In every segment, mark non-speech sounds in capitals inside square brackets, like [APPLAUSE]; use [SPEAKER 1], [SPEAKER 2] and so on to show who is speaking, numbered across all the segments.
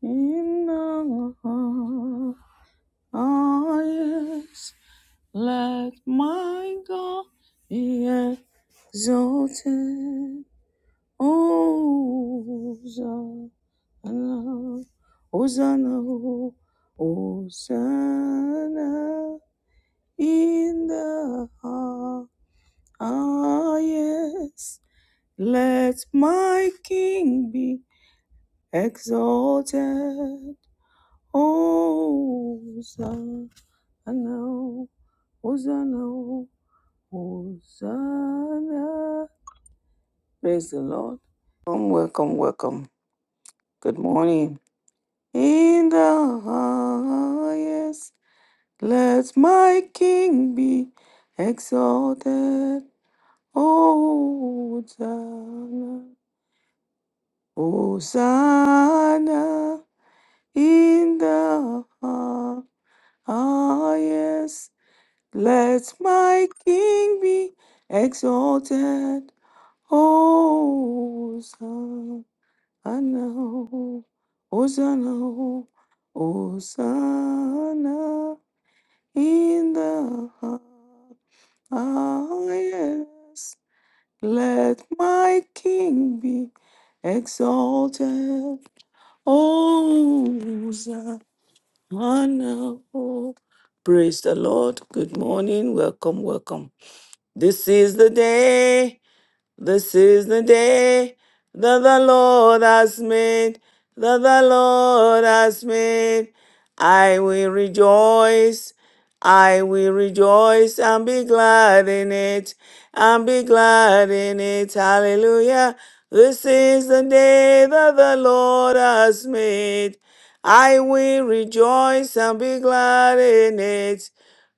[SPEAKER 1] In the highest, let my God be exalted. Hosanna, Hosanna, Hosanna in the highest. Let my King be exalted. Hosanna. Hosanna, Hosanna, Hosanna. Praise the Lord. Welcome, welcome, welcome. Good morning. In the highest, let my King be exalted. Oh, Hosanna, Hosanna. In the highest, let my King be exalted. Hosanna, Hosanna, Hosanna in the highest. Let my King be exalted. Hosanna. Praise the Lord. Good morning. Welcome, welcome. This is the day. This is the day that the Lord has made, that the Lord has made. I will rejoice, I will rejoice and be glad in it, and be glad in it. Hallelujah. This is the day that the Lord has made. I will rejoice and be glad in it.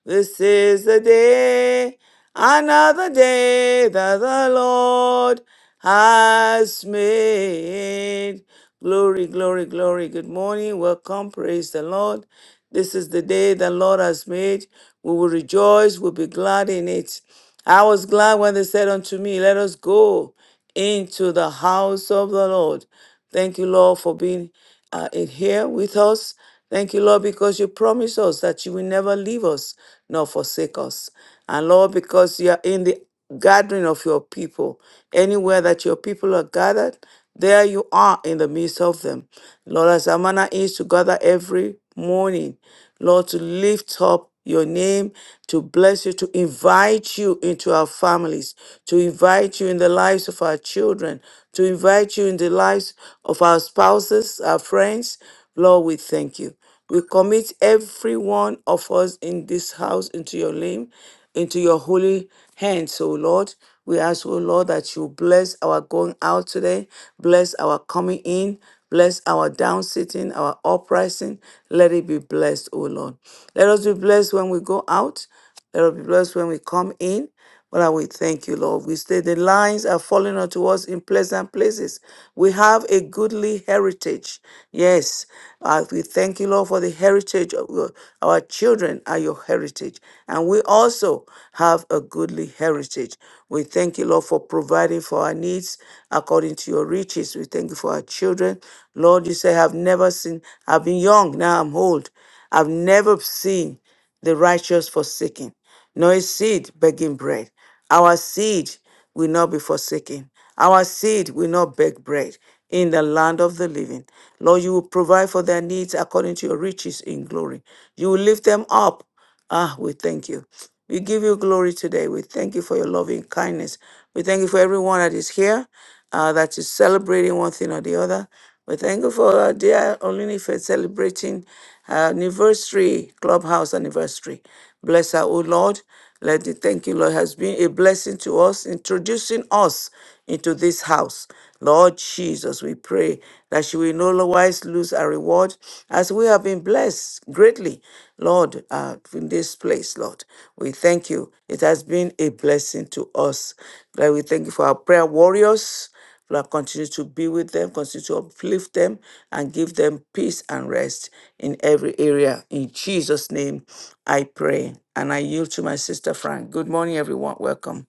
[SPEAKER 1] This is the day, another day that the Lord has made. Glory, glory, glory. Good morning. Welcome. Praise the Lord. This is the day the Lord has made. We will rejoice. We'll be glad in it. I was glad when they said unto me, Let us go into the house of the Lord. Thank you, Lord, for being uh, in here with us. Thank you, Lord, because you promised us that you will never leave us nor forsake us. And Lord, because you are in the gathering of your people, anywhere that your people are gathered, there you are in the midst of them. Lord, as our manner is to gather every morning, Lord, to lift up your name, to bless you, to invite you into our families, to invite you in the lives of our children, to invite you in the lives of our spouses, our friends. Lord, we thank you. We commit every one of us in this house into your name, into your holy hands, O Lord. We ask, O Lord, that you bless our going out today, bless our coming in, bless our down sitting, our uprising. Let it be blessed, O Lord. Let us be blessed when we go out. Let us be blessed when we come in. Father, we thank you, Lord. We say the lines are falling unto us in pleasant places. We have a goodly heritage. Yes. Uh, we thank you, Lord, for the heritage of your, our children are your heritage. And we also have a goodly heritage. We thank you, Lord, for providing for our needs according to your riches. We thank you for our children. Lord, you say, I've never seen, I've been young, now I'm old. I've never seen the righteous forsaken nor his seed begging bread. Our seed will not be forsaken. Our seed will not beg bread in the land of the living. Lord, you will provide for their needs according to your riches in glory. You will lift them up. Ah, we thank you. We give you glory today. We thank you for your loving kindness. We thank you for everyone that is here, uh, that is celebrating one thing or the other. We're thankful for our dear Olunife celebrating her anniversary, clubhouse anniversary. Bless her, O Lord. Let the thank you, Lord, has been a blessing to us, introducing us into this house. Lord Jesus, we pray that she will no wise lose her reward as we have been blessed greatly, Lord, uh, in this place, Lord. We thank you. It has been a blessing to us. Lord, we thank you for our prayer warriors. Lord, continue to be with them, continue to uplift them, and give them peace and rest in every area. In Jesus' name, I pray. And I yield to my sister Frank. Good morning, everyone. Welcome.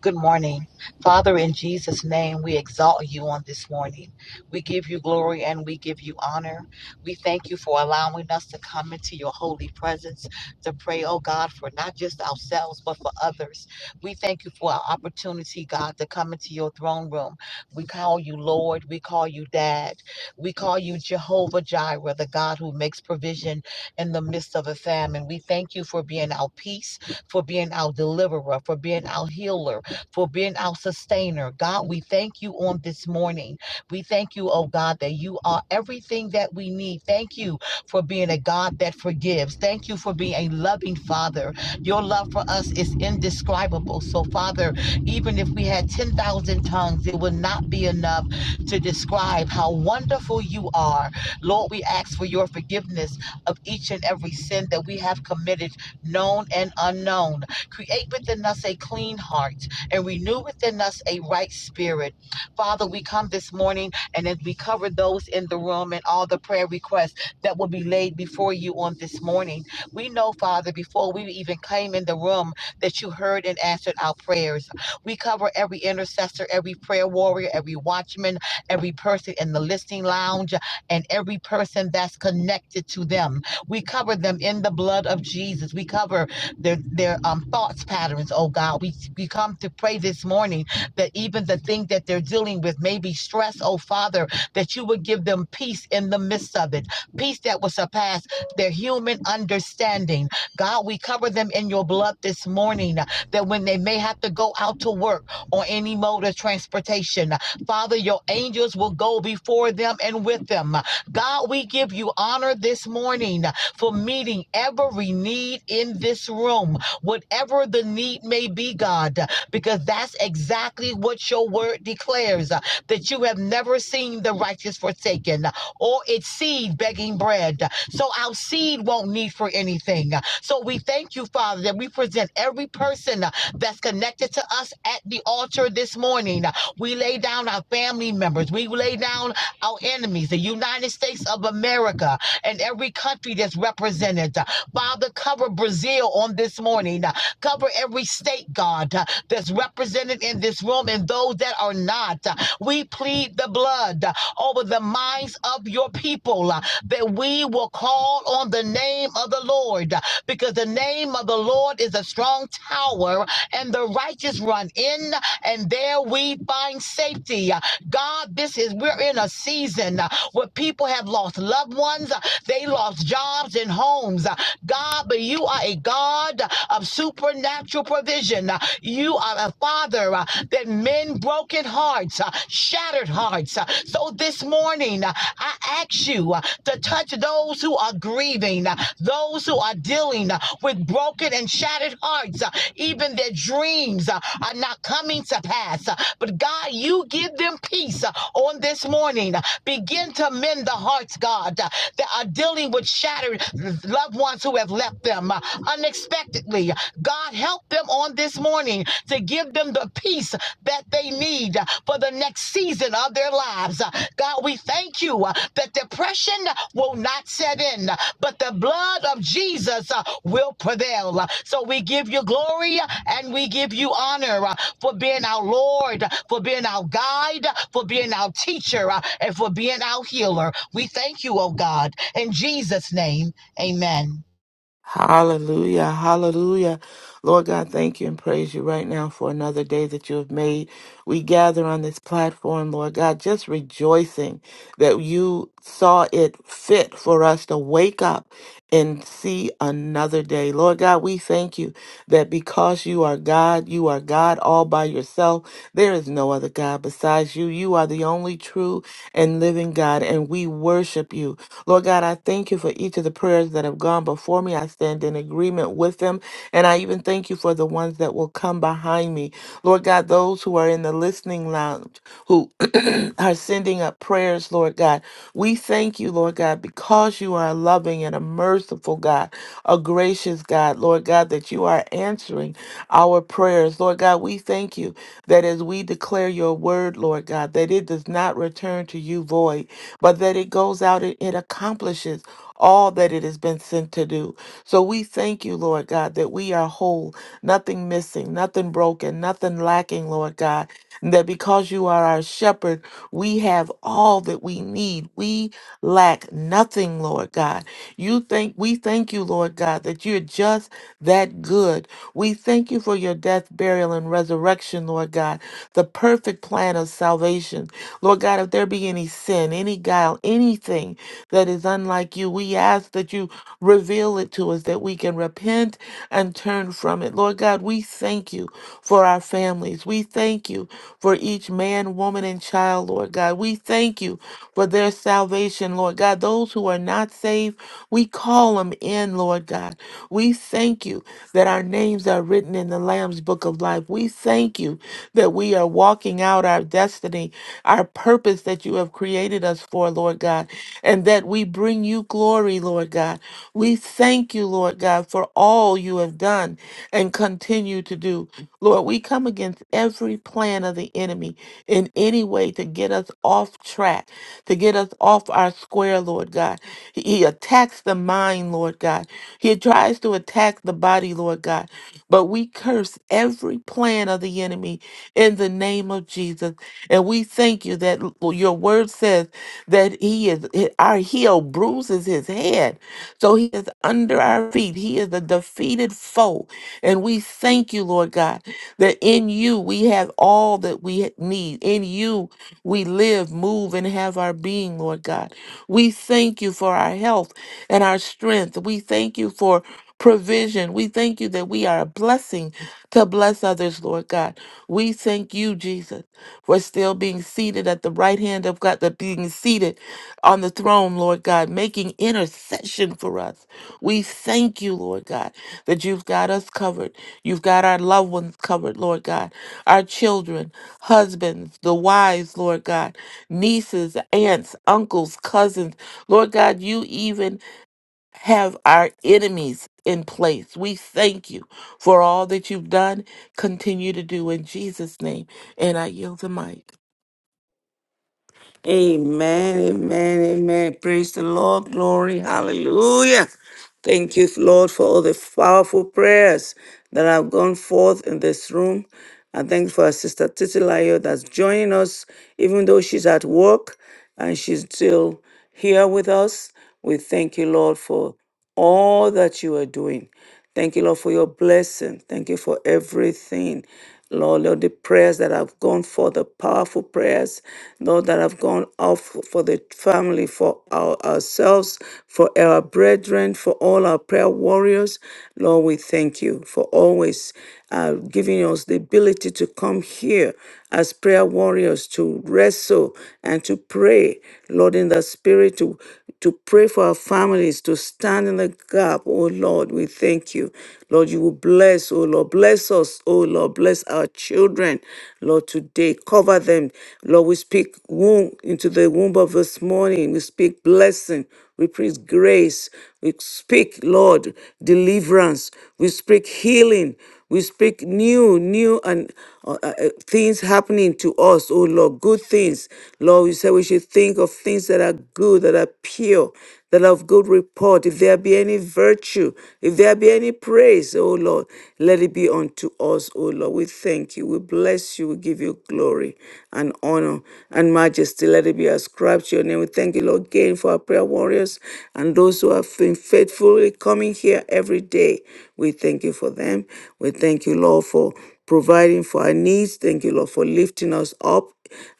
[SPEAKER 2] Good morning. Father, in Jesus' name, we exalt you on this morning. We give you glory and we give you honor. We thank you for allowing us to come into your holy presence to pray, oh God, for not just ourselves, but for others. We thank you for our opportunity, God, to come into your throne room. We call you Lord. We call you Dad. We call you Jehovah Jireh, the God who makes provision in the midst of a famine. We thank you for being our peace, for being our deliverer, for being our healer for being our sustainer. God, we thank you on this morning. We thank you, oh God, that you are everything that we need. Thank you for being a God that forgives. Thank you for being a loving Father. Your love for us is indescribable. So, Father, even if we had 10,000 tongues, it would not be enough to describe how wonderful you are. Lord, we ask for your forgiveness of each and every sin that we have committed, known and unknown. Create within us a clean heart and renew within us a right spirit. Father, we come this morning and as we cover those in the room and all the prayer requests that will be laid before you on this morning, we know, Father, before we even came in the room, that you heard and answered our prayers. We cover every intercessor, every prayer warrior, every watchman, every person in the listening lounge, and every person that's connected to them. We cover them in the blood of Jesus. We cover their their um thoughts patterns, oh God. We we come to pray this morning that even the thing that they're dealing with may be stress, oh Father, that you would give them peace in the midst of it. Peace that will surpass their human understanding. God, we cover them in your blood this morning uh, that when they may have to go out to work or any mode of transportation, uh, Father, your angels will go before them and with them. Uh, God, we give you honor this morning for meeting every need in this room, whatever the need may be, God, because that's exactly what your word declares uh, that you have never seen the righteous forsaken uh, or its seed begging bread. So our seed won't need for anything. So we thank you, Father, that we present every person uh, that's connected to us at the altar this morning. We lay down our family members. We lay down our enemies, the United States of America and every country that's represented. Father, cover Brazil on this morning. Cover every state, God, uh, that's represented in this room and those that are not. We plead the blood uh, over the minds of your people uh, that we will call on the name of the Lord uh, because the name of the Lord is a strong tower and the righteous run in and there where we find safety. Uh, God, this is, we're in a season uh, where people have lost loved ones, uh, they lost jobs and homes. Uh, God, but you are a God of supernatural provision. Uh, You are a Father uh, that men broken hearts, uh, shattered hearts. Uh, So this morning, uh, I ask you uh, to touch those who are grieving, uh, those who are dealing uh, with broken and shattered hearts, uh, even their dreams uh, are not coming to pass. But God, you give them peace on this morning. Begin to mend the hearts, God, that are dealing with shattered loved ones who have left them unexpectedly. God, help them on this morning to give them the peace that they need for the next season of their lives. God, we thank you that depression will not set in, but the blood of Jesus will prevail. So we give you glory and we give you honor for being our Lord, for being our guide, for being our teacher, uh, and for being our healer. We thank you, oh God. In Jesus' name, amen.
[SPEAKER 3] Hallelujah. Hallelujah. Lord God, thank you and praise you right now for another day that you have made. We gather on this platform, Lord God, just rejoicing that you saw it fit for us to wake up and see another day. Lord God, we thank you that because you are God, you are God all by yourself. There is no other God besides you. You are the only true and living God, and we worship you. Lord God, I thank you for each of the prayers that have gone before me. I stand in agreement with them, and I even thank you for the ones that will come behind me. Lord God, those who are in the listening lounge who [CLEARS THROAT] are sending up prayers, Lord God. We thank you, Lord God, because you are a loving and a merciful God, a gracious God, Lord God, that you are answering our prayers. Lord God, we thank you that as we declare your word, Lord God, that it does not return to you void, but that it goes out and it accomplishes all that it has been sent to do. So we thank you, Lord God, that we are whole, nothing missing, nothing broken, nothing lacking, Lord God and that because you are our shepherd, we have all that we need. We lack nothing, Lord God. You think we thank you, Lord God, that you're just that good. We thank you for your death, burial, and resurrection, Lord God, the perfect plan of salvation. Lord God, if there be any sin, any guile, anything that is unlike you, we ask that you reveal it to us that we can repent and turn from it. Lord God, we thank you for our families. We thank you for each man, woman, and child, Lord God. We thank you for their salvation, Lord God. Those who are not saved saved, we call them in, Lord God. We thank you that our names are written in the Lamb's book of life. We thank you that we are walking out our destiny, our purpose that you have created us for, Lord God, and that we bring you glory, Lord God. We thank you, Lord God, for all you have done and continue to do. Lord, we come against every plan of the enemy in any way to get us off track, to get us off our square, Lord God. He attacks the mind, Lord God. He tries to attack the body, Lord God. But we curse every plan of the enemy in the name of Jesus. And we thank you that l- your word says that he is he- our heel bruises his head. So he is under our feet. He is a defeated foe. And we thank you, Lord God, that in you we have all that we need. In you we live, move, and have our being, Lord God. We thank you for our health and our strength. We thank you for provision. We thank you that we are a blessing to bless others, Lord God. We thank you, Jesus, for still being seated at the right hand of God, that being seated on the throne, Lord God, making intercession for us. We thank you, Lord God, that you've got us covered. You've got our loved ones covered, Lord God, our children, husbands, the wives, Lord God nieces, aunts, uncles, cousins. Lord God, you even have our enemies in place. We thank you for all that you've done. Continue to do in Jesus' name. And I yield the mic.
[SPEAKER 1] Amen, amen, amen. Praise the Lord. Glory. Hallelujah. Thank you, Lord, for all the powerful prayers that have gone forth in this room. I thank you for our sister Titilayo that's joining us, even though she's at work and she's still here with us. We thank you, Lord, for all that you are doing. Thank you, Lord, for your blessing. Thank you for everything. Lord, Lord, the prayers that have gone for the powerful prayers, Lord, that have gone out for for the family, for our, ourselves, for our brethren, for all our prayer warriors. Lord, we thank you for always uh, giving us the ability to come here as prayer warriors to wrestle and to pray, Lord, in the spirit to to pray for our families, to stand in the gap. Oh Lord, we thank you. Lord, you will bless, oh Lord, bless us, oh Lord, bless our children, Lord, today. Cover them. Lord, we speak womb into the womb of this morning. We speak blessing we preach grace. We speak, Lord, deliverance. We speak healing. We speak new, new and uh, uh, uh, things happening to us, oh Lord, good things. Lord, you said we should think of things that are good, that are pure, that are of good report. If there be any virtue, if there be any praise, O Lord, let it be unto us, O Lord. We thank you. We bless you. We give you glory and honor and majesty. Let it be ascribed to your name. We thank you, Lord, again for our prayer warriors and those who have been faithfully coming here every day. We thank you for them. We thank you, Lord, for providing for our needs. Thank you, Lord, for lifting us up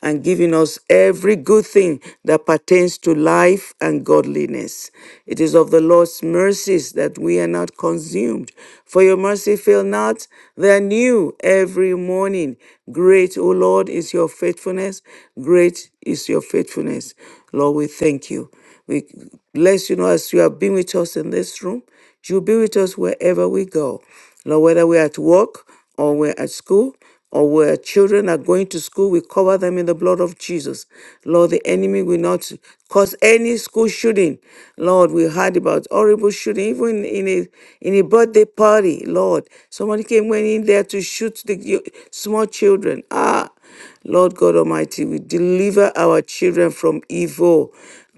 [SPEAKER 1] and giving us every good thing that pertains to life and godliness. It is of the Lord's mercies that we are not consumed. For your mercy fail not, they are new every morning. Great, O Lord, is your faithfulness. Great is your faithfulness. Lord, we thank you. We bless you know, as you have been with us in this room. You'll be with us wherever we go. Lord, whether we're at work, or we're at school or where children are going to school, we cover them in the blood of Jesus. Lord, the enemy will not cause any school shooting. Lord, we heard about horrible shooting, even in a in a birthday party. Lord, somebody came went in there to shoot the yo- small children. Ah, Lord God Almighty, we deliver our children from evil.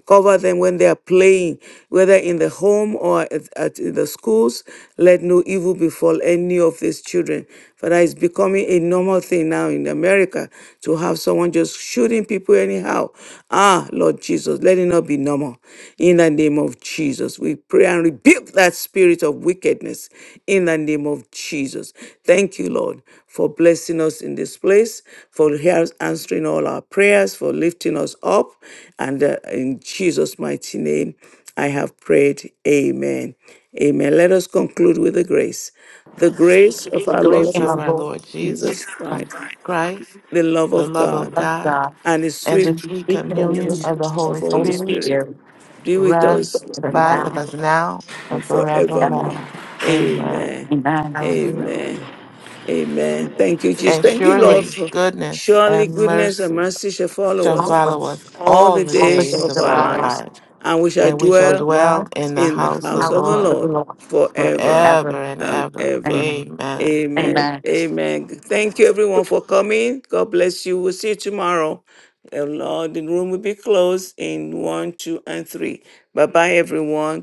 [SPEAKER 1] Cover them when they are playing, whether in the home or at, at in the schools. Let no evil befall any of these children. Father, it's becoming a normal thing now in America to have someone just shooting people anyhow. Ah, Lord Jesus, let it not be normal. In the name of Jesus, we pray and rebuke that spirit of wickedness wickedness in the name of Jesus. Thank you, Lord, for blessing us in this place, for hear- answering all our prayers, for lifting us up. And uh, in Jesus' mighty name, I have prayed. Amen. Amen. Let us conclude with the grace. The grace of our
[SPEAKER 2] Grace
[SPEAKER 1] Lord
[SPEAKER 3] Grace
[SPEAKER 2] and
[SPEAKER 3] of
[SPEAKER 2] our
[SPEAKER 1] Jesus,
[SPEAKER 3] our
[SPEAKER 2] Lord
[SPEAKER 3] Lord
[SPEAKER 2] Jesus
[SPEAKER 3] Jesus
[SPEAKER 1] Jesus Christ,
[SPEAKER 2] Christ,
[SPEAKER 3] Christ,
[SPEAKER 1] the love
[SPEAKER 3] the
[SPEAKER 1] of
[SPEAKER 3] love of
[SPEAKER 1] God,
[SPEAKER 2] love
[SPEAKER 3] God,
[SPEAKER 2] God,
[SPEAKER 1] and His
[SPEAKER 3] and
[SPEAKER 1] sweet
[SPEAKER 3] the free
[SPEAKER 2] we can be
[SPEAKER 3] communion
[SPEAKER 1] communion
[SPEAKER 3] of
[SPEAKER 2] committed
[SPEAKER 3] the
[SPEAKER 2] to
[SPEAKER 1] of
[SPEAKER 3] Holy
[SPEAKER 1] Holy
[SPEAKER 2] holy
[SPEAKER 3] Spirit
[SPEAKER 1] Spirit
[SPEAKER 2] fear,
[SPEAKER 1] be with
[SPEAKER 3] rest
[SPEAKER 1] us
[SPEAKER 3] and
[SPEAKER 2] for
[SPEAKER 1] with
[SPEAKER 3] abide with
[SPEAKER 2] now,
[SPEAKER 1] now
[SPEAKER 3] us now and
[SPEAKER 1] and
[SPEAKER 2] forever.
[SPEAKER 1] forevermore.
[SPEAKER 3] forevermore. Amen.
[SPEAKER 1] Amen.
[SPEAKER 2] Amen.
[SPEAKER 3] Hallelujah.
[SPEAKER 1] Amen. Amen. Thank you, Jesus.
[SPEAKER 3] And
[SPEAKER 1] Thank you, Lord,
[SPEAKER 3] surely
[SPEAKER 1] for
[SPEAKER 3] goodness
[SPEAKER 1] surely
[SPEAKER 3] and
[SPEAKER 1] goodness and
[SPEAKER 3] mercy
[SPEAKER 1] mercy shall follow
[SPEAKER 3] shall
[SPEAKER 1] us
[SPEAKER 2] All of
[SPEAKER 3] follow us
[SPEAKER 2] us,
[SPEAKER 1] all
[SPEAKER 3] all
[SPEAKER 1] the
[SPEAKER 3] the
[SPEAKER 2] all the
[SPEAKER 1] days
[SPEAKER 3] days
[SPEAKER 2] days
[SPEAKER 1] of
[SPEAKER 3] of
[SPEAKER 2] of
[SPEAKER 1] our
[SPEAKER 2] our
[SPEAKER 3] our
[SPEAKER 2] life,
[SPEAKER 1] lives,
[SPEAKER 3] life,
[SPEAKER 1] and we
[SPEAKER 2] we
[SPEAKER 1] shall
[SPEAKER 3] and we shall
[SPEAKER 2] will
[SPEAKER 1] dwell
[SPEAKER 3] dwell in the
[SPEAKER 1] in the
[SPEAKER 3] house of
[SPEAKER 1] house
[SPEAKER 2] how
[SPEAKER 3] the
[SPEAKER 1] of
[SPEAKER 2] we
[SPEAKER 1] the
[SPEAKER 2] for
[SPEAKER 3] Lord
[SPEAKER 2] the
[SPEAKER 1] Lord
[SPEAKER 2] Lord,
[SPEAKER 1] forever
[SPEAKER 2] ever
[SPEAKER 3] forever and
[SPEAKER 1] and
[SPEAKER 3] ever.
[SPEAKER 2] and
[SPEAKER 1] ever.
[SPEAKER 3] Amen.
[SPEAKER 2] ever.
[SPEAKER 1] Amen.
[SPEAKER 2] Amen.
[SPEAKER 1] Amen. Thank you, everyone, for coming. God bless you. We'll see you tomorrow. The Lord, the room will be closed in one, two, and three. Bye bye, everyone.